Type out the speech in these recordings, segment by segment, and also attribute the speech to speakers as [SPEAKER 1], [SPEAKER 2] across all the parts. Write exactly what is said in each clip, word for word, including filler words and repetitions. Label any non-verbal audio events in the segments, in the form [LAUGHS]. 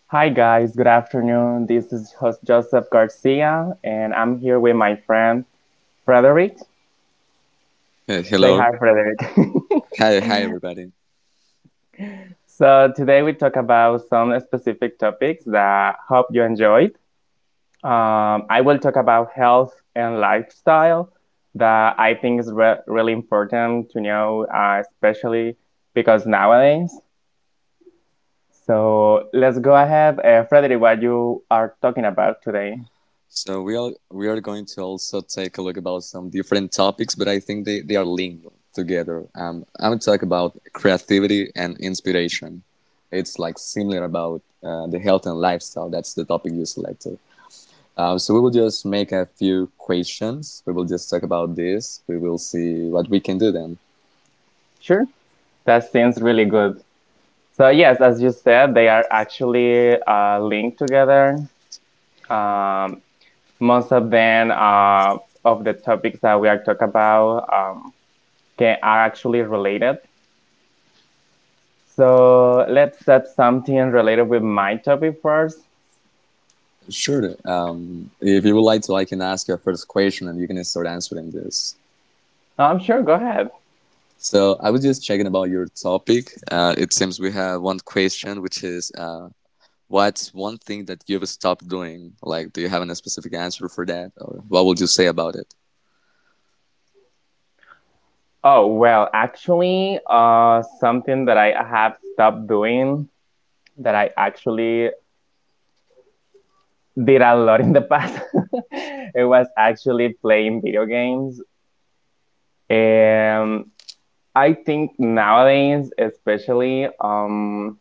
[SPEAKER 1] Hi, guys. Good afternoon. This is host Joseph Garcia, and I'm here with my friend Frederick.
[SPEAKER 2] Uh,
[SPEAKER 1] Say
[SPEAKER 2] hello.
[SPEAKER 1] hi, Frederick.
[SPEAKER 2] Hi, hi everybody.
[SPEAKER 1] [LAUGHS] So, today we talk about some specific topics that hope you enjoyed. Um, I will talk about health and lifestyle that I think is re- really important to know, uh, especially because nowadays. So, let's go ahead. Uh, Frederick, what you are talking about today?
[SPEAKER 2] So we are we are going to also take a look about some different topics, but I think they, they are linked together. Um, I'm talk about creativity and inspiration. It's like similar about uh, the health and lifestyle. That's the topic you selected. Um, so we will just make a few questions. We will just talk about this. We will see what we can do then.
[SPEAKER 1] Sure. That seems really good. So yes, as you said, they are actually uh, linked together. Um, Most of them uh, of the topics that we are talking about um, can, are actually related. So let's set something related with my topic first.
[SPEAKER 2] Sure. Um, if you would like to, I can ask your first question and you can start answering this.
[SPEAKER 1] Um, sure, go ahead.
[SPEAKER 2] So I was just checking about your topic. Uh, it seems we have one question, which is, uh, what's one thing that you've stopped doing? Like, do you have a specific answer for that, or what would you say about it?
[SPEAKER 1] Oh well, actually, uh, something that I have stopped doing that I actually did a lot in the past. [LAUGHS] It was actually playing video games. Um, I think nowadays, especially, um,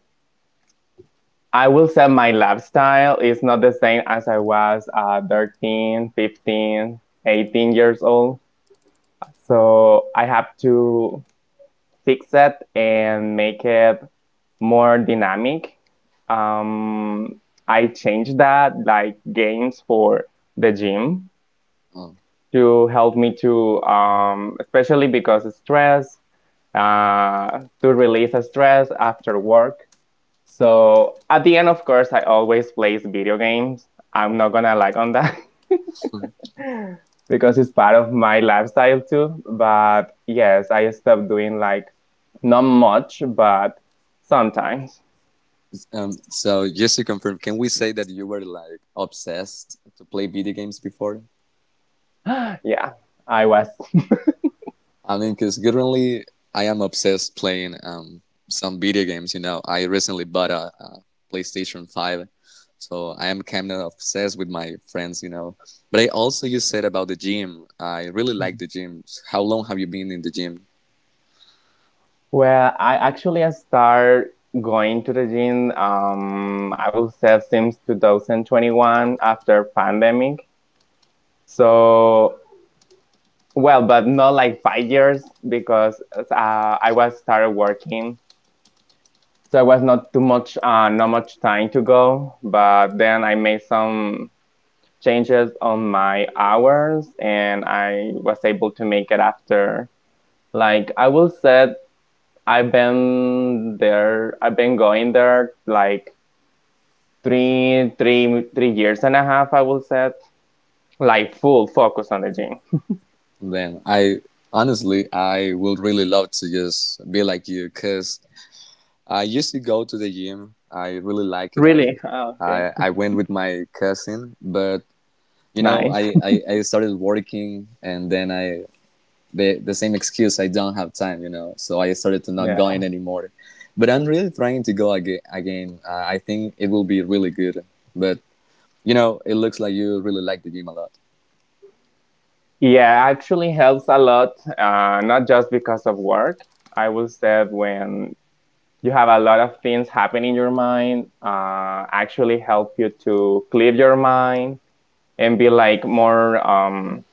[SPEAKER 1] I will say my lifestyle is not the same as I was uh, thirteen, fifteen, eighteen years old. So I have to fix it and make it more dynamic. Um, I changed that, like games for the gym
[SPEAKER 2] Oh.
[SPEAKER 1] to help me to, um, especially because of stress, uh, to release the stress after work. So at the end, of course, I always play video games. I'm not gonna lie on that
[SPEAKER 2] [LAUGHS]
[SPEAKER 1] [LAUGHS] because it's part of my lifestyle too. But yes, I stopped doing like not much, but sometimes.
[SPEAKER 2] Um, so just to confirm, can we say that you were like obsessed to play video games before?
[SPEAKER 1] [GASPS] Yeah, I was. [LAUGHS]
[SPEAKER 2] I mean, because currently I am obsessed playing um, some video games. You know, I recently bought a, a PlayStation Five, so I am kind of obsessed with my friends. You know, but I also you said about the gym. I really like the gym. How long have you been in the gym?
[SPEAKER 1] Well, I actually start going to the gym. Um, I will say since twenty twenty-one after pandemic. So well, but not like five years because uh, I was started working so I was not too much uh, not much time to go, but then I made some changes on my hours and I was able to make it. After like I will said, I've been there, I've been going there like three three three years and a half, I will said, like full focus on the gym
[SPEAKER 2] Then I honestly I would really love to just be like you, cause I used to go to the gym. I really like it.
[SPEAKER 1] really.
[SPEAKER 2] I
[SPEAKER 1] Oh, okay,
[SPEAKER 2] I, I went with my cousin, but you know,
[SPEAKER 1] nice.
[SPEAKER 2] I, I, I started working and then I, the, the same excuse, I don't have time, you know, so I started to not
[SPEAKER 1] Yeah,
[SPEAKER 2] going anymore. But I'm really trying to go aga again. Uh, I think it will be really good. But, you know, it looks like you really like the gym a lot.
[SPEAKER 1] yeah, actually helps a lot. Uh, not just because of work. I will say when you have a lot of things happen in your mind, uh, actually help you to clear your mind and be like more um,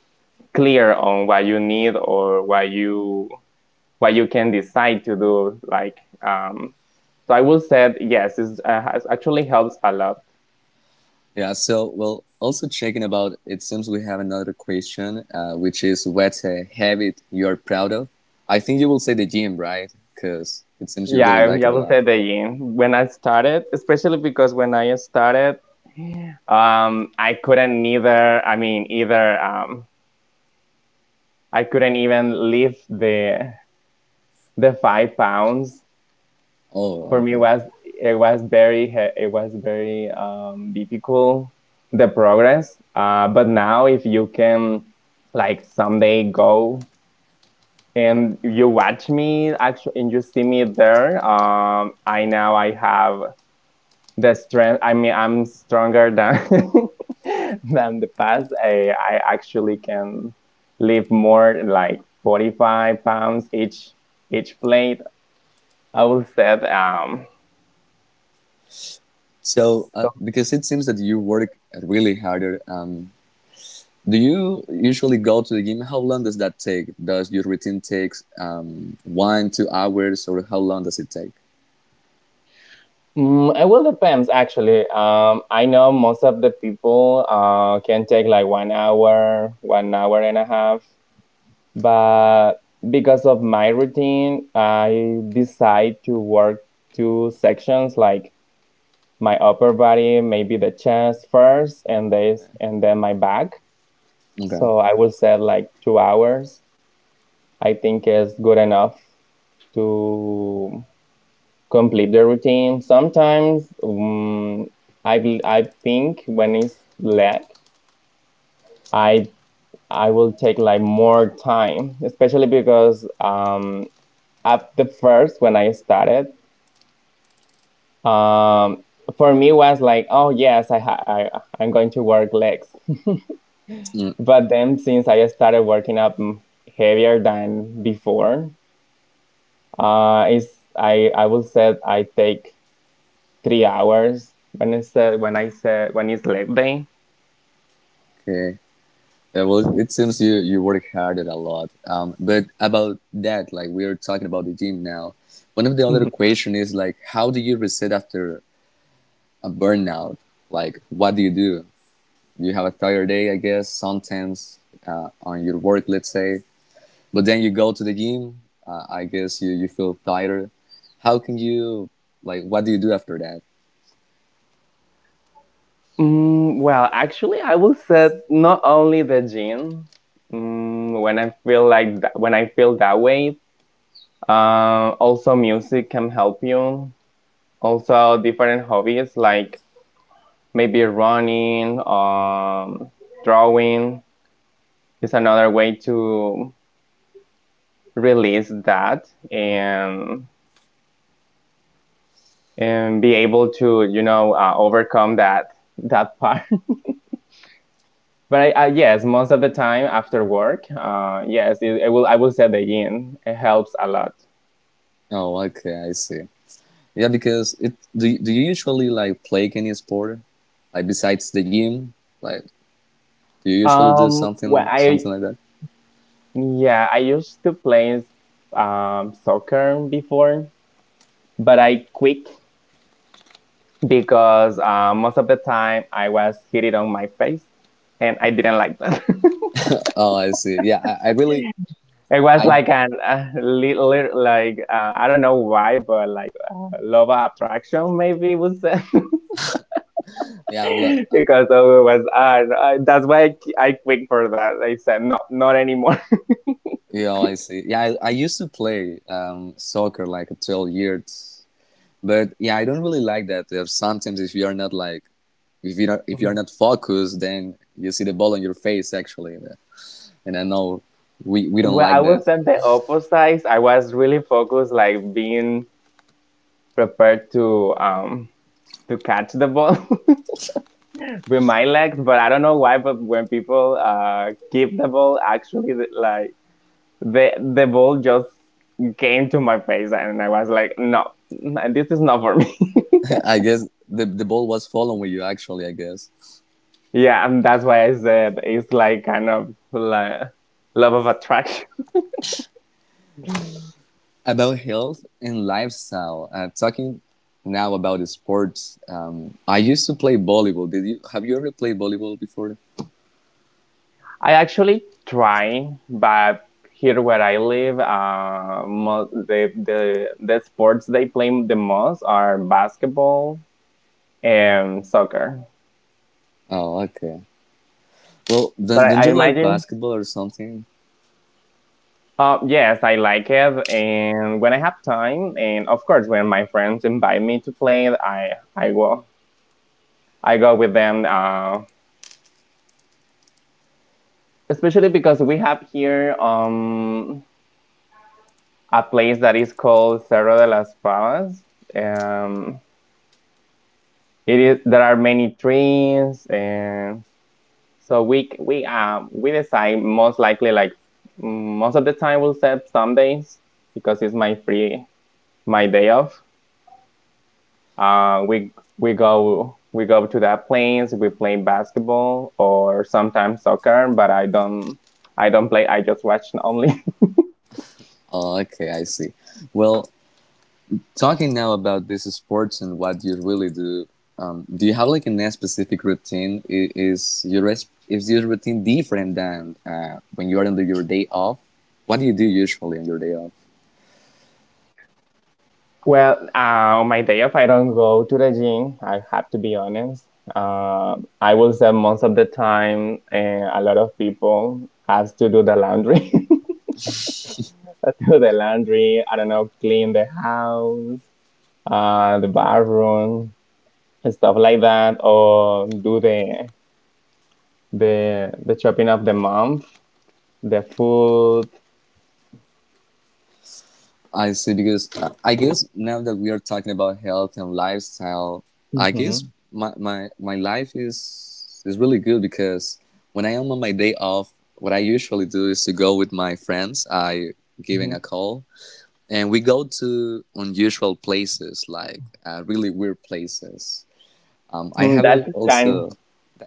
[SPEAKER 1] clear on what you need or what you what you can decide to do, like. um, so I will say yes, it uh, has- actually helps a lot.
[SPEAKER 2] Yeah, so, well, also checking about, it seems we have another question, uh, which is what's a habit you're proud of? I think you will say the gym, right? Because it seems you
[SPEAKER 1] Yeah,
[SPEAKER 2] really
[SPEAKER 1] i
[SPEAKER 2] like
[SPEAKER 1] I
[SPEAKER 2] it a
[SPEAKER 1] will
[SPEAKER 2] lot.
[SPEAKER 1] say the yin. When I started, especially because when I started, um, I couldn't neither, I mean either, um, I couldn't even leave the the five pounds.
[SPEAKER 2] Oh,
[SPEAKER 1] For me
[SPEAKER 2] okay.
[SPEAKER 1] was, it was very he- it was very um, difficult the progress, uh, but now if you can like someday go and you watch me actually and you see me there, um, I now I have the strength. I mean I'm stronger than [LAUGHS] than the past. I, I actually can lift more like forty-five pounds each each plate, I will say. um,
[SPEAKER 2] So, uh, because it seems that you work really harder, um, do you usually go to the gym? How long does that take? Does your routine take um, one, two hours, or how long does it take?
[SPEAKER 1] Mm, it will depends actually. Um, I know most of the people uh can take like one hour, one hour and a half, but because of my routine, I decide to work two sections, like my upper body, maybe the chest first, and this, and then my back.
[SPEAKER 2] Okay.
[SPEAKER 1] So I will set like two hours. I think is good enough to complete the routine. Sometimes um, I bel- I think when it's lag, I I will take like more time, especially because um at the first when I started, um for me was like, oh yes, I ha- I I'm going to work legs,
[SPEAKER 2] Mm,
[SPEAKER 1] [LAUGHS] but then since I started working up, mm, heavier than before, uh, is I I will say I take three hours when I said when I said when it's leg day.
[SPEAKER 2] okay. Yeah, well, it seems you, you work harder a lot. Um, but about that, like we are talking about the gym now, one of the other
[SPEAKER 1] Mhm.
[SPEAKER 2] question is like, how do you reset after a burnout? Like, what do you do? You have a tired day, I guess, sometimes uh, on your work, let's say. But then you go to the gym. Uh, I guess you you feel tired. How can you like? What do you do after that?
[SPEAKER 1] Mm, well, actually, I will set not only the gym. Mm, when I feel like that, when I feel that way. Uh, also, music can help you. Also, different hobbies like maybe running, um, drawing is another way to release that and and be able to, you know, uh, overcome that that part. But I, I yes, most of the time after work, uh, yes, it, it will. I will say the yin. It helps a lot.
[SPEAKER 2] Oh, okay, I see. Yeah, because it do do you usually like play any sport? Like besides the gym, like do you usually do
[SPEAKER 1] Um, well,
[SPEAKER 2] something
[SPEAKER 1] I,
[SPEAKER 2] something like that?
[SPEAKER 1] yeah, I used to play um soccer before, but I quit because uh, most of the time I was hitting on my face, and I didn't like that. [LAUGHS]
[SPEAKER 2] Oh, I see. Yeah, I, I really
[SPEAKER 1] It was
[SPEAKER 2] I
[SPEAKER 1] like an a little like uh, I don't know why, but like uh, love of attraction maybe was. [LAUGHS]
[SPEAKER 2] yeah well
[SPEAKER 1] [LAUGHS]
[SPEAKER 2] uh,
[SPEAKER 1] Because it was, "Ah, no, I, that's why I, qui- I quit for that." I said, no, not anymore.
[SPEAKER 2] yeah I see. Yeah, I, I used to play um soccer like twelve years. But yeah, I don't really like that. Uh, Sometimes if you are not like, if you not, if you are not
[SPEAKER 1] [LAUGHS]
[SPEAKER 2] focused, then you see the ball on your face actually. And I know we we don't
[SPEAKER 1] Well, I
[SPEAKER 2] like
[SPEAKER 1] was
[SPEAKER 2] that.
[SPEAKER 1] at the opposite. I was really focused, like being prepared to um to catch the ball [LAUGHS] with my legs. But I don't know why. But when people uh give the ball, actually, the- like the the ball just came to my face, and I was like, no, n- this is not for me.
[SPEAKER 2] [LAUGHS] I guess the the ball was following you actually. I guess
[SPEAKER 1] [LAUGHS] Yeah, and that's why I said it's like kind of like love of attraction.
[SPEAKER 2] about health and lifestyle. Uh, talking now about the sports. Um, I used to play volleyball. Did you have you ever played volleyball before?
[SPEAKER 1] I actually try, but here where I live, uh, mo- the, the the sports they play the most are basketball and soccer.
[SPEAKER 2] Oh, okay. Well,
[SPEAKER 1] But
[SPEAKER 2] don't,
[SPEAKER 1] I,
[SPEAKER 2] don't
[SPEAKER 1] I
[SPEAKER 2] you like
[SPEAKER 1] imagine,
[SPEAKER 2] basketball or something?
[SPEAKER 1] uh, yes, I like it, and when I have time, and of course when my friends invite me to play, I I go, I go with them. Uh, especially because we have here um a place that is called Cerro de las Pavas. Um, it is There are many trains and so we we um we decide most likely like, mm, most of the time we'll set Sundays because it's my free, my day off. uh we we go we go to that place. We play basketball or sometimes soccer, but i don't I don't play, I just watch only.
[SPEAKER 2] Oh, okay, I see. Well, talking now about these sports and what you really do, um, do you have like a specific routine? I- Is your res- is your routine different than uh, when you are on the- your day off? What do you do usually on your day off?
[SPEAKER 1] Well, uh, on my day off, I don't go to the gym. I have to be honest. Uh, I will say most of the time, uh, a lot of people has to do the laundry, [LAUGHS] do the laundry. I don't know, clean the house, uh, the bathroom, and stuff like that, or do the the the shopping of the month, the food.
[SPEAKER 2] I see, because uh, I guess now that we are talking about health and lifestyle, I guess
[SPEAKER 1] Hmm,
[SPEAKER 2] my, my, my life is is really good because when I am on my day off, what I usually do is to go with my friends. I giving
[SPEAKER 1] hmm.
[SPEAKER 2] a call and we go to unusual places like uh, really weird places, um, I
[SPEAKER 1] Mm,
[SPEAKER 2] have a,
[SPEAKER 1] that's kind.
[SPEAKER 2] also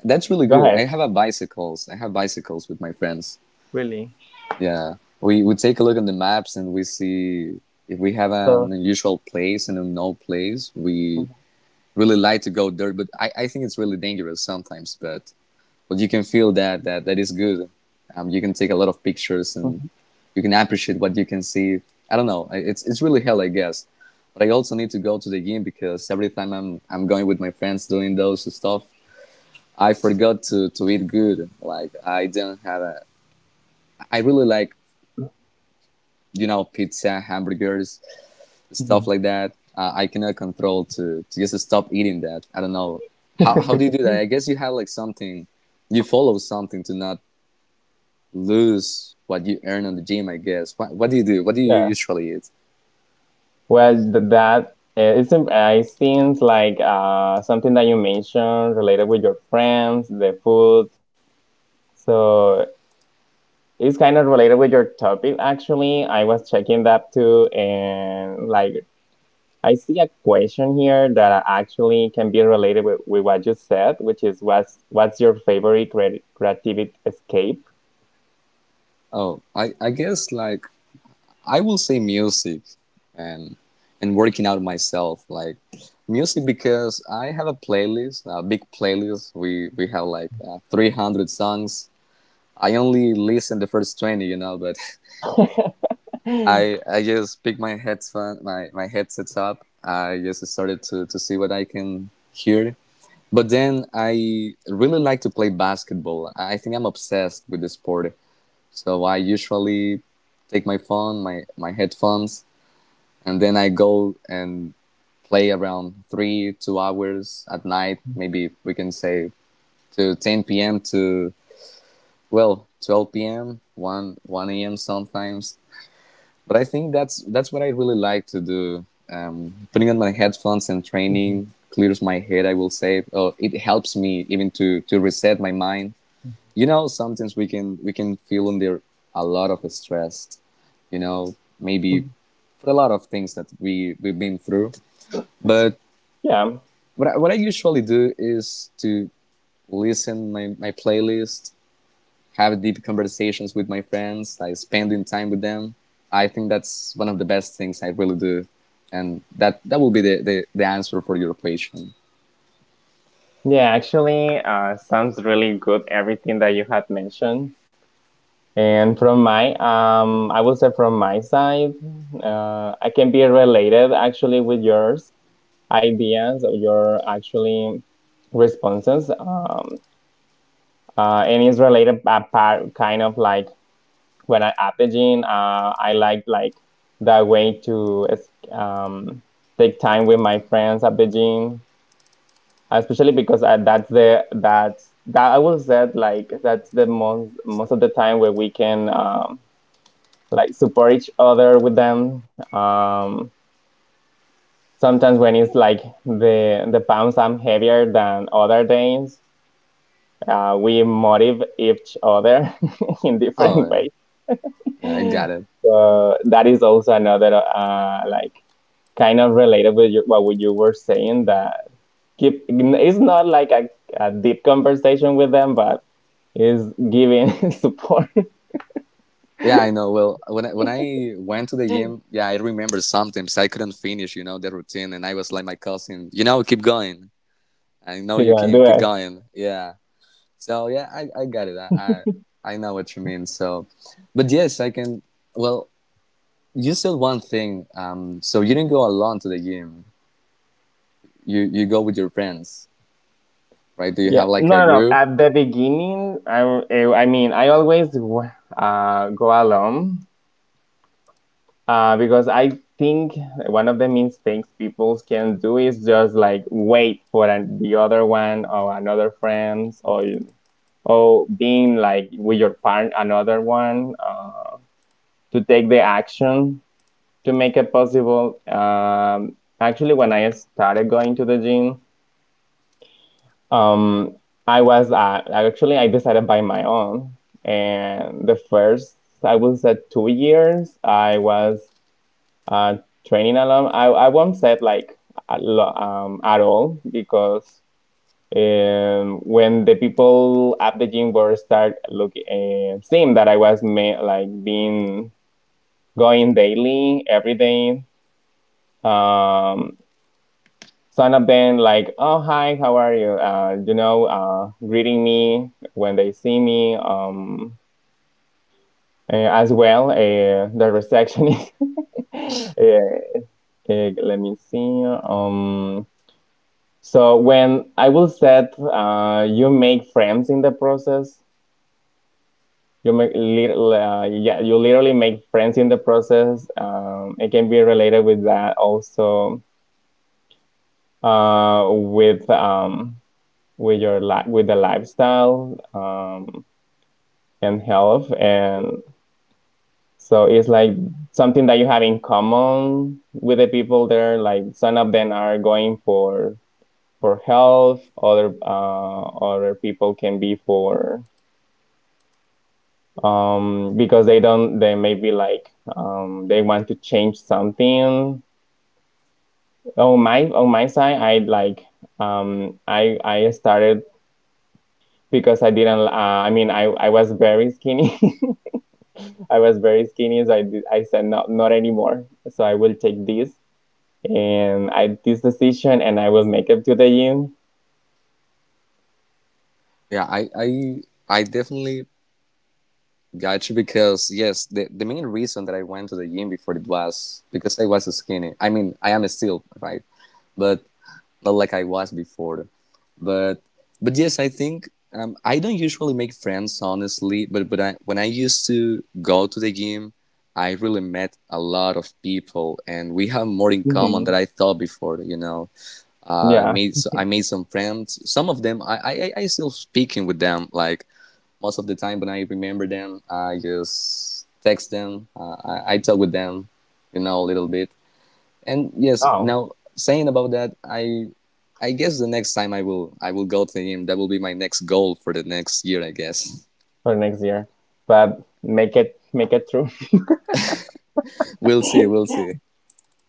[SPEAKER 2] that's really
[SPEAKER 1] Go
[SPEAKER 2] good.
[SPEAKER 1] ahead.
[SPEAKER 2] I have a bicycles i have bicycles with my friends.
[SPEAKER 1] Really.
[SPEAKER 2] Yeah, we we take a look at the maps and we see if we have
[SPEAKER 1] So.
[SPEAKER 2] an unusual place and a no place we really like to go there, but I, I think it's really dangerous sometimes, but but you can feel that that that is good. Um, you can take a lot of pictures and
[SPEAKER 1] Mhm,
[SPEAKER 2] you can appreciate what you can see. I don't know. It's it's really hell, I guess. But I also need to go to the gym because every time I'm I'm going with my friends doing those stuff, I forgot to to eat good. Like I didn't have a. I really like
[SPEAKER 1] mhm,
[SPEAKER 2] you know pizza, hamburgers, stuff
[SPEAKER 1] mhm.
[SPEAKER 2] like that. Uh, I cannot control to to just stop eating that. I don't know how how do you do that. I guess you have like something you follow something to not lose what you earn on the gym, I guess. What, what do you do? What do you
[SPEAKER 1] [LAUGHS]
[SPEAKER 2] usually eat?
[SPEAKER 1] Well, th- that uh, it's im- uh, it seems like uh, something that you mentioned related with your friends, the food. So it's kind of related with your topic. Actually, I was checking that too, and like I see a question here that actually can be related with, with what you said, which is what's what's your favorite creati- creativity escape?
[SPEAKER 2] Oh, I, I guess like I will say music and and working out myself like music because I have a playlist, a big playlist. We we have like uh, three hundred songs. I only listen the first twenty, you know, but [LAUGHS] I
[SPEAKER 1] [LAUGHS]
[SPEAKER 2] I just pick my headphone my my headsets up. I just started to to see what I can hear. But then I really like to play basketball. I think I'm obsessed with the sport. So I usually take my phone, my, my headphones, and then I go and play around three, two hours at night. Maybe we can say to ten p m to, well, twelve p m, one one a m sometimes. But I think that's that's what I really like to do. Um, putting on my headphones and training clears my head. I will say, oh, it helps me even to to reset my mind. You know, sometimes we can we can feel under a lot of stress. You know, maybe
[SPEAKER 1] Mhm.
[SPEAKER 2] for a lot of things that we we've been through. But
[SPEAKER 1] Yeah,
[SPEAKER 2] what I, what I usually do is to listen my my playlist, have deep conversations with my friends, like spending time with them. I think that's one of the best things I really do. And that, that will be the, the, the answer for your question.
[SPEAKER 1] yeah. Actually, uh, sounds really good. Everything that you had mentioned. And from my, um, I will say from my side, uh, I can be related actually with yours ideas or your actually responses. Um, uh, and it's related apart, kind of like when I at the gym, uh, I like like the way to es- um, take time with my friends at the gym, especially because I, that's the, that's that I will say like that's the most most of the time where we can. Um, like support each other with them. Um, Sometimes when it's like the the pounds I'm heavier than other days, uh, we motivate each other [LAUGHS] in different
[SPEAKER 2] Oh,
[SPEAKER 1] ways.
[SPEAKER 2] yeah, I got it.
[SPEAKER 1] So that is also another uh, like kind of related with your, what you were saying, that keep it's not like a, a deep conversation with them, but is giving [LAUGHS] support
[SPEAKER 2] Yeah, I know. Well, when I, when I went to the gym, yeah, I remember sometimes I couldn't finish, you know, the routine. And I was like my cousin, you know, keep going. I know
[SPEAKER 1] to
[SPEAKER 2] you
[SPEAKER 1] go and
[SPEAKER 2] can
[SPEAKER 1] do
[SPEAKER 2] keep
[SPEAKER 1] it.
[SPEAKER 2] going. Yeah. So yeah, I, I got it. I, I, I know what you mean. So, but yes, I can, well, you said one thing. Um, so you didn't go alone to the gym. You you go with your friends, right? Do you
[SPEAKER 1] Yeah,
[SPEAKER 2] have like
[SPEAKER 1] no,
[SPEAKER 2] a
[SPEAKER 1] no, no.
[SPEAKER 2] group?
[SPEAKER 1] At the beginning, I, eh, I mean, I always w- uh, go alone uh, because I think one of the mistakes people can do is just like wait for an, the other one or another friends or or being like with your partner, another one uh, to take the action to make it possible. Um, actually, when I started going to the gym, Um, I was at, actually I decided by my own, and the first I will say two years I was uh, training alone. I I won't say like a lo- um, at all because um, when the people at the gym were start looking uh, seeing that I was ma- like being going daily every day. Um, Some of them like, oh hi, how are you? Uh, you know, uh, greeting me when they see me. Um, eh, as well, uh, the receptionist. [LAUGHS] Eh, eh, let me see. Um, so when I will set, uh, you make friends in the process. You make little, uh, yeah, you literally make friends in the process. Um, it can be related with that also. Uh, with um, with your li- with the lifestyle. Um, and health and so it's like something that you have in common with the people there, like some of them are going for for health, other uh, other people can be for, um because they don't, they maybe like, um they want to change something on my on my side. I like, um i i started because I didn't, uh, I mean, i i was very skinny [LAUGHS] [LAUGHS] I was very skinny, so I, did- I said no, not anymore. So I will take this and I this decision, and I will make it to the gym.
[SPEAKER 2] Yeah, I I I definitely got you because yes, the the main reason that I went to the gym before it was because I was skinny. I mean, I am still right, but not like I was before. but but yes I think um, I don't usually make friends honestly, but but I, when I used to go to the gym I really met a lot of people and we have more in common
[SPEAKER 1] Hmm.
[SPEAKER 2] than I thought before. you know i
[SPEAKER 1] Yeah.
[SPEAKER 2] made so i made some friends, some of them i i, I still speaking with them like most of the time when I remember them I just text them, uh, I, I talk with them you know a little bit. And yes
[SPEAKER 1] Oh,
[SPEAKER 2] now saying about that i i guess the next time i will i will go to him, that will be my next goal for the next year I guess.
[SPEAKER 1] for next year, but make it make it through.
[SPEAKER 2] [LAUGHS] we'll see
[SPEAKER 1] [LAUGHS]
[SPEAKER 2] we'll see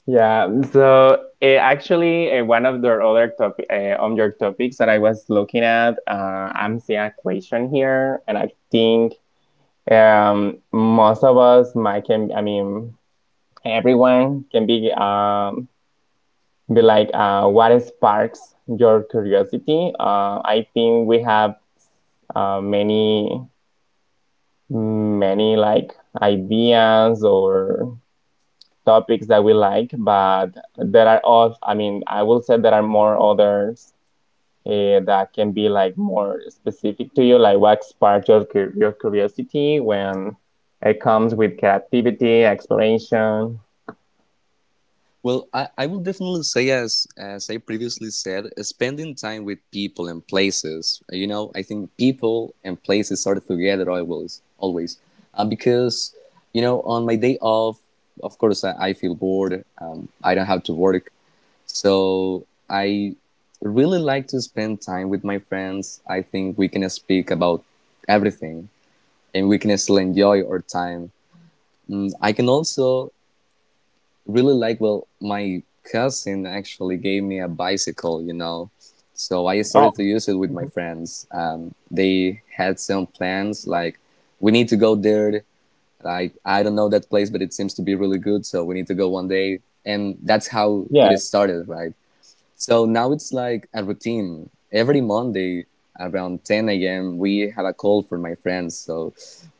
[SPEAKER 1] Yeah, so eh, actually, uh, one of the other topic, uh, on your topics that I was looking at, uh, I'm seeing a question here, and I think, um, most of us might can, I mean, everyone can be, um, be like, uh, what sparks your curiosity. uh, I think we have, uh, many many like ideas or topics that we like, but there are all, I mean, I will say there are more others, uh, that can be like more specific to you, like what sparks your, cur- your curiosity when it comes with creativity exploration.
[SPEAKER 2] Well, i, I will definitely say, as as I previously said, spending time with people and places, you know I think people and places are together always always, uh, because you know on my day off of course i, I feel bored, um, i don't have to work. So I really like to spend time with my friends. I think we can speak about everything and we can still enjoy our time. Mm, I can also really like, well, my cousin actually gave me a bicycle, you know. So I
[SPEAKER 1] Oh,
[SPEAKER 2] started to use it with my
[SPEAKER 1] mhm.
[SPEAKER 2] friends. Um, they had some plans like, we need to go there. Like, I don't know that place, but it seems to be really good. So we need to go one day. And that's how
[SPEAKER 1] Yeah,
[SPEAKER 2] it started, right? So now it's like a routine. Every Monday around ten a m, we have a call for my friends. So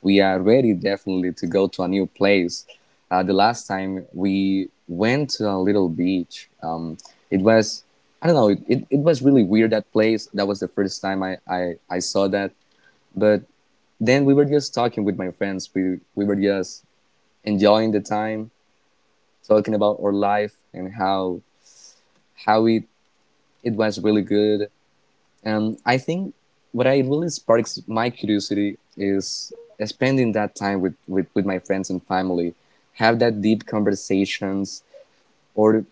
[SPEAKER 2] we are ready definitely to go to a new place. Uh, the last time we went to a little beach, um, it was, I don't know, it, it, it was really weird that place. That was the first time I, I, I saw that. But then we were just talking with my friends. We, we were just enjoying the time, talking about our life and how, how it, it was really good. And I think what I really sparks my curiosity is spending that time with, with, with my friends and family, have that deep conversations or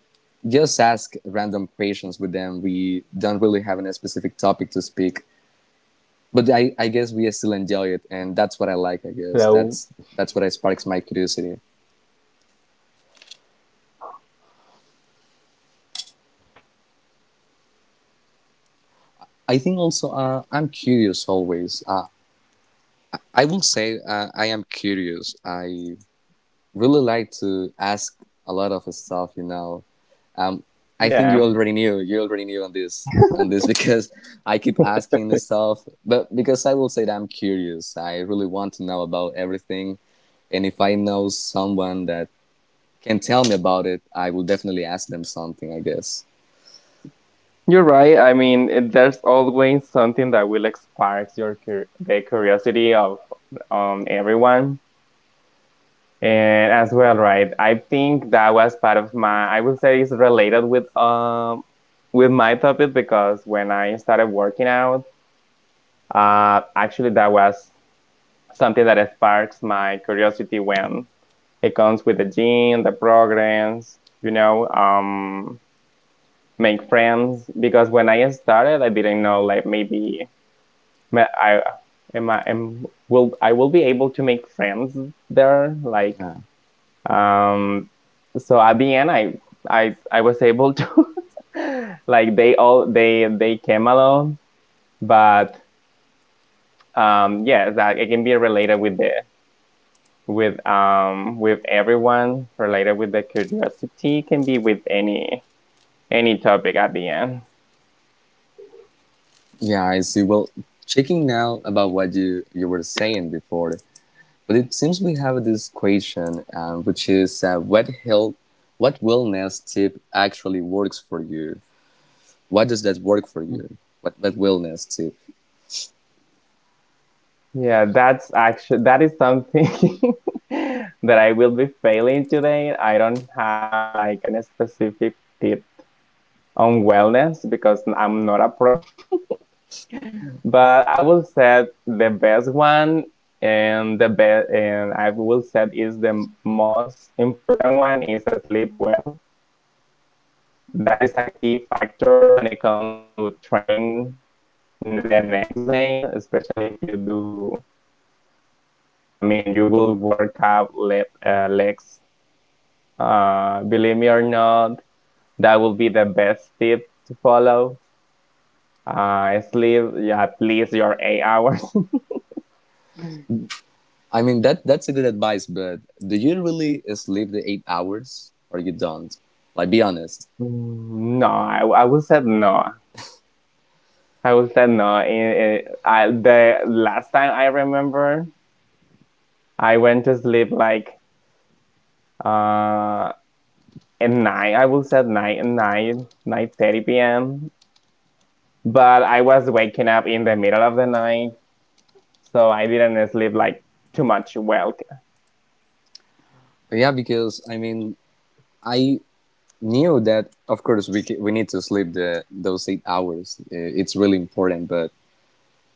[SPEAKER 2] just ask random questions with them. We don't really have a specific topic to speak, but I, I guess we still enjoy it. And that's what I like, I guess.
[SPEAKER 1] so
[SPEAKER 2] That's, that's what I sparks my curiosity. I think also uh, I'm curious always. Uh, I will say uh, I am curious. I really like to ask a lot of stuff. You know, um, I think you
[SPEAKER 1] yeah,
[SPEAKER 2] already knew. You already knew on this on this [LAUGHS] because I keep asking this stuff. But because I will say that I'm curious, I really want to know about everything, and if I know someone that can tell me about it, I will definitely ask them something, I guess.
[SPEAKER 1] you're right. I mean, it- there's always something that will spark your cur- the curiosity of, um, everyone. And as well, right? I think that was part of my. I would say it's related with um with my topic because when I started working out, uh, actually that was something that sparks my curiosity when it comes with the gym, the programs, you know, um, make friends. Because when I started, I didn't know, like maybe I am I am will I will be able to make friends there. Like,
[SPEAKER 2] Yeah.
[SPEAKER 1] um, so at the end, I I I was able to [LAUGHS] like they all they they came along, but, um, yeah, that it can be related with the with um with everyone, related with the curiosity, can be with any any topic at the end.
[SPEAKER 2] yeah, I see. Well, checking now about what you you were saying before. But it seems we have this question, uh, which is uh, what health, what wellness tip actually works for you? What does that work for you? What that wellness tip?
[SPEAKER 1] Yeah, that's actually that is something [LAUGHS] that I will be failing today. I don't have like any specific tip on wellness because I'm not a pro. [LAUGHS] But I will set the best one and the best, and I will set is the most important one is sleep well. That is a key factor when it comes to train the next day, especially if you do L- I mean, you will work out le- uh, legs. Uh, believe me or not, that will be the best tip to follow. Uh, sleep, yeah, at least your eight hours. [LAUGHS]
[SPEAKER 2] I mean, that that's a good advice, but do you really sleep the eight hours or you don't? Like, be honest.
[SPEAKER 1] Mm, no, I, I will say no. I will say no. In- in- I, the last time I remember, I went to sleep like, uh, at night. I will say nine, nine, nine thirty p m. But I was waking up in the middle of the night, so I didn't sleep like too much well.
[SPEAKER 2] But yeah, because I mean, I knew that of course we we need to sleep the those eight hours. Uh, It's really important, but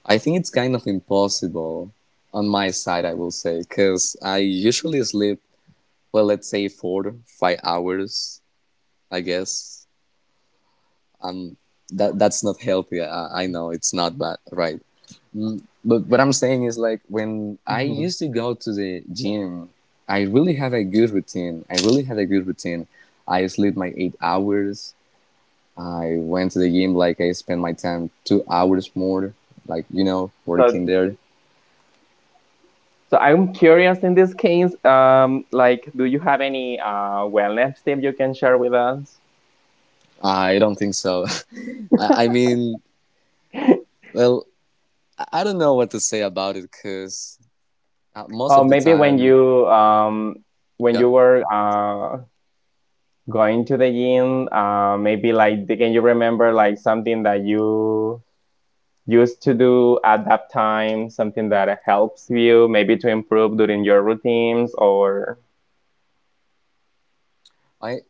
[SPEAKER 2] I think it's kind of impossible on my side, I will say, because I usually sleep, well, let's say four to five hours, I guess. That That's not healthy. I, I know it's not bad, right? But what I'm saying is like when I
[SPEAKER 1] Mm-hmm.
[SPEAKER 2] used to go to the gym, I really have a good routine. I really had a good routine. I sleep my eight hours. I went to the gym, like I spent my time two hours more, like, you know,
[SPEAKER 1] So
[SPEAKER 2] working there.
[SPEAKER 1] so I'm curious in this case, um, like, do you have any uh, wellness tip you can share with us?
[SPEAKER 2] I don't think so. [LAUGHS] I, I mean,
[SPEAKER 1] [LAUGHS]
[SPEAKER 2] well, I I don't know what to say about it because most
[SPEAKER 1] Or
[SPEAKER 2] of the
[SPEAKER 1] maybe when
[SPEAKER 2] time,
[SPEAKER 1] you um, when
[SPEAKER 2] yeah,
[SPEAKER 1] you were, uh, going to the gym, uh, maybe like, can you remember like something that you used to do at that time, something that helps you maybe to improve during your routines, or
[SPEAKER 2] I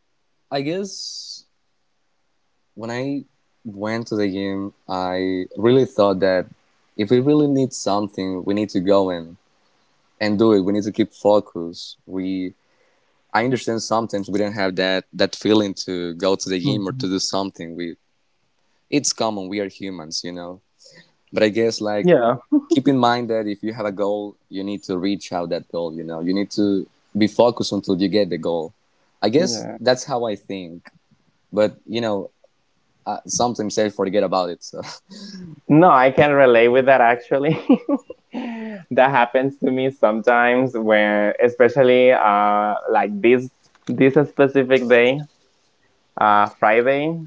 [SPEAKER 2] I guess when I went to the gym, I really thought that if we really need something, we need to go in and do it. We need to keep focus. We I understand sometimes we don't have that that feeling to go to the gym or
[SPEAKER 1] mhm,
[SPEAKER 2] to do something. We It's common. We are humans, you know. But I guess like
[SPEAKER 1] yeah,
[SPEAKER 2] keep in mind that if you have a goal, you need to reach out that goal. You know, you need to be focused until you get the goal. I guess
[SPEAKER 1] yeah.
[SPEAKER 2] that's how I think. But you know, uh, sometimes I forget about it. So
[SPEAKER 1] No, I can relate with that actually. [LAUGHS] That happens to me sometimes, where especially, uh like this this specific day, uh Friday.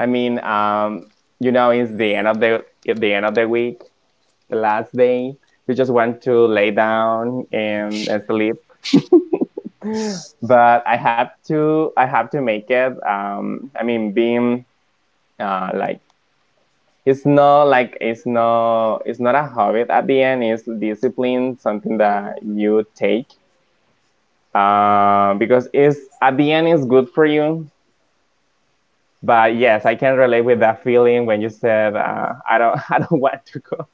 [SPEAKER 1] I mean, um you know, it's the end of the the end of the week, the last day. You just want to lay down and, uh, sleep. But I have to I have to make it, um I mean, being, uh like, it's not like it's not it's not a habit. At the end, it's discipline, something that you take, uh, because it's, at the end, it's good for you. But yes, I can relate with that feeling when you said, uh, I don't [LAUGHS] I don't want to go.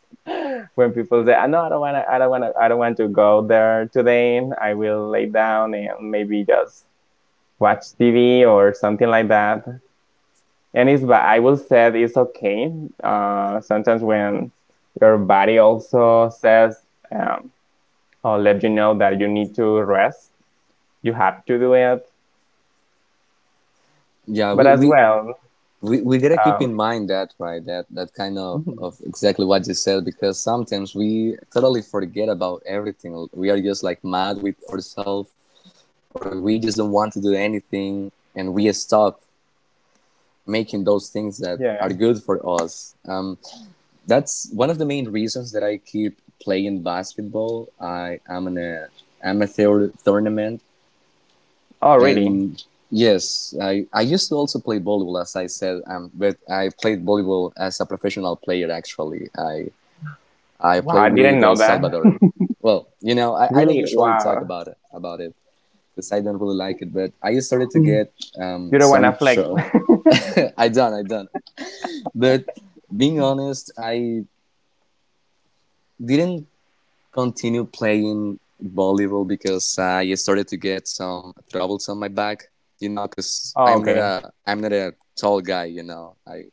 [SPEAKER 1] [LAUGHS] When people say, "Ah, no, I don't want to I don't want to I don't want to go there today. I will lay down and maybe just watch T V or something like that," and it's, but I will say it's okay. Uh, sometimes when your body also says, um, or let you know that you need to rest, you have to do it.
[SPEAKER 2] [LAUGHS] yeah,
[SPEAKER 1] But
[SPEAKER 2] we
[SPEAKER 1] as
[SPEAKER 2] we.
[SPEAKER 1] well,
[SPEAKER 2] We, we gotta keep
[SPEAKER 1] um,
[SPEAKER 2] in mind that, right? That that kind of,
[SPEAKER 1] mhm,
[SPEAKER 2] of exactly what you said, because sometimes we totally forget about everything. We are just like mad with ourselves, or we just don't want to do anything and we stop making those things that are
[SPEAKER 1] yeah.
[SPEAKER 2] good for us. Um, that's one of the main reasons that I keep playing basketball. I am in a amateur tournament,
[SPEAKER 1] Oh, really?
[SPEAKER 2] and yes, I, I used to also play volleyball, as I said, um, but I played volleyball as a professional player. Actually, I I
[SPEAKER 1] Wow,
[SPEAKER 2] play
[SPEAKER 1] I didn't
[SPEAKER 2] with El
[SPEAKER 1] know that.
[SPEAKER 2] Salvador. Well, you know, I, I don't
[SPEAKER 1] Really?
[SPEAKER 2] usually talk
[SPEAKER 1] Wow.
[SPEAKER 2] about it about it because I don't really like it, but I started to
[SPEAKER 1] Mm.
[SPEAKER 2] get
[SPEAKER 1] You
[SPEAKER 2] um,
[SPEAKER 1] don't wanna
[SPEAKER 2] some
[SPEAKER 1] flex?
[SPEAKER 2] show. [LAUGHS] I done, I done, but being honest, I didn't continue playing volleyball because I started to get some troubles on my back. You know, because
[SPEAKER 1] Oh,
[SPEAKER 2] I'm not
[SPEAKER 1] okay.
[SPEAKER 2] a I'm not a tall guy. You know, I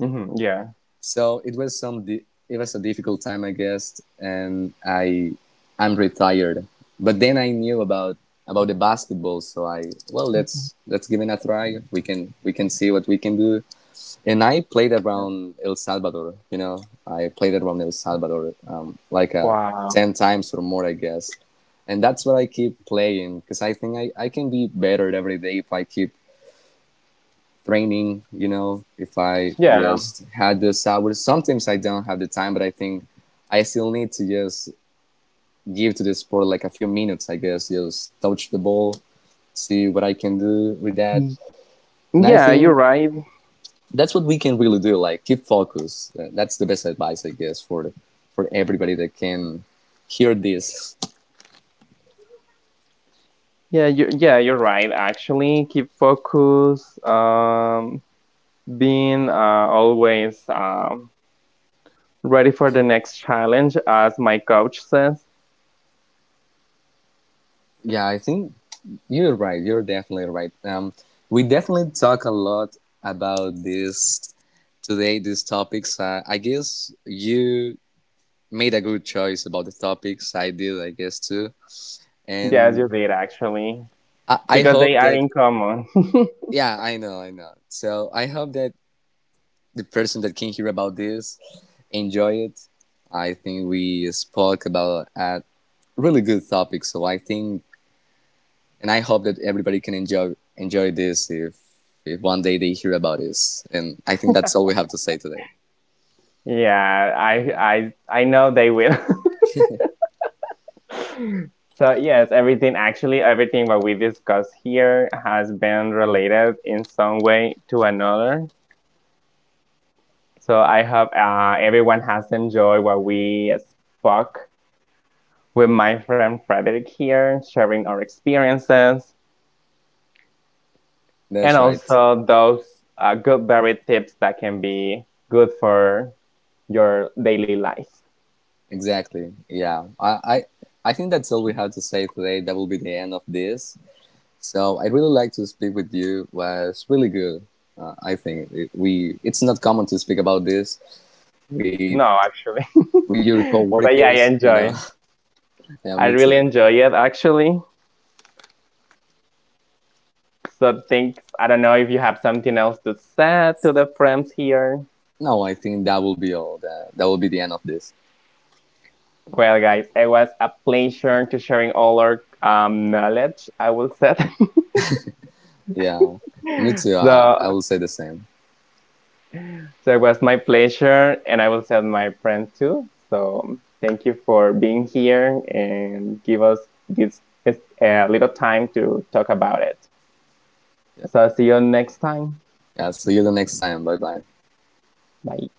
[SPEAKER 1] Hmm. Yeah.
[SPEAKER 2] so it was some di- it was a difficult time, I guess, and I I'm retired. But then I knew about about the basketball, so I well let's let's give it a try. We can we can see what we can do, and I played
[SPEAKER 1] Yeah.
[SPEAKER 2] around El Salvador. You know, I played around El Salvador um, like uh,
[SPEAKER 1] Wow.
[SPEAKER 2] ten times or more, I guess. And that's what I keep playing because I think I, I can be better every day if I keep training. You know, if I
[SPEAKER 1] Yeah.
[SPEAKER 2] just had those hours. Sometimes I don't have the time, but I think I still need to just give to the sport like a few minutes, I guess. Just touch the ball, see what I can do with that.
[SPEAKER 1] Y-
[SPEAKER 2] And I
[SPEAKER 1] Yeah, you're
[SPEAKER 2] think
[SPEAKER 1] right.
[SPEAKER 2] that's what we can really do. Like keep focus. Uh, That's the best advice, I guess, for the, for everybody that can hear this.
[SPEAKER 1] Yeah, you yeah, you're right. Actually, keep focus. Um, Being, uh, always, um, ready for the next challenge, as my coach says.
[SPEAKER 2] Yeah, I think you're right. You're definitely right. Um, we definitely talk a lot about this today. These topics. Uh, I guess you made a good choice about the topics. I did, I guess too.
[SPEAKER 1] Yes, you
[SPEAKER 2] And
[SPEAKER 1] did actually,
[SPEAKER 2] I, I
[SPEAKER 1] because they
[SPEAKER 2] hope
[SPEAKER 1] are
[SPEAKER 2] that,
[SPEAKER 1] in common. [LAUGHS]
[SPEAKER 2] yeah, I know, I know. So I hope that the person that can hear about this enjoy it. I think we spoke about a really good topic, so I think and I hope that everybody can enjoy enjoy this if if one day they hear about this. And I think that's all we have to say today.
[SPEAKER 1] Yeah, I I I know they will. [LAUGHS] So yes, everything, actually everything what we discuss here has been related in some way to another. So I hope, uh, everyone has enjoyed what we spoke with my friend Frederick here, sharing our experiences. And
[SPEAKER 2] That's right.
[SPEAKER 1] also those, uh, good berry tips that can be good for your daily life.
[SPEAKER 2] Exactly. Yeah. I, I I think that's all we have to say today. That will be the end of this. So I really like to speak with you. Was really good. Uh, I think it, we it's not common to speak about this. We
[SPEAKER 1] No, actually.
[SPEAKER 2] we Your
[SPEAKER 1] [LAUGHS] But yeah, I
[SPEAKER 2] coworkers, you know.
[SPEAKER 1] enjoy.
[SPEAKER 2] [LAUGHS] yeah,
[SPEAKER 1] I
[SPEAKER 2] me
[SPEAKER 1] really
[SPEAKER 2] too.
[SPEAKER 1] enjoy it actually. So thanks. I don't know if you have something else to say to the friends here.
[SPEAKER 2] No, I think that will be all. That that will be the end of this.
[SPEAKER 1] Well, guys, it was a pleasure to sharing all our, um, knowledge, I will say.
[SPEAKER 2] Yeah, me
[SPEAKER 1] [LAUGHS]
[SPEAKER 2] too. I I
[SPEAKER 1] so
[SPEAKER 2] will say the same.
[SPEAKER 1] So it was my pleasure, and I will tell my friend too. So thank you for being here and give us this, this uh, little time to talk about it.
[SPEAKER 2] Yeah.
[SPEAKER 1] So see you next time.
[SPEAKER 2] Yeah. See you the next time. Bye bye.
[SPEAKER 1] Bye.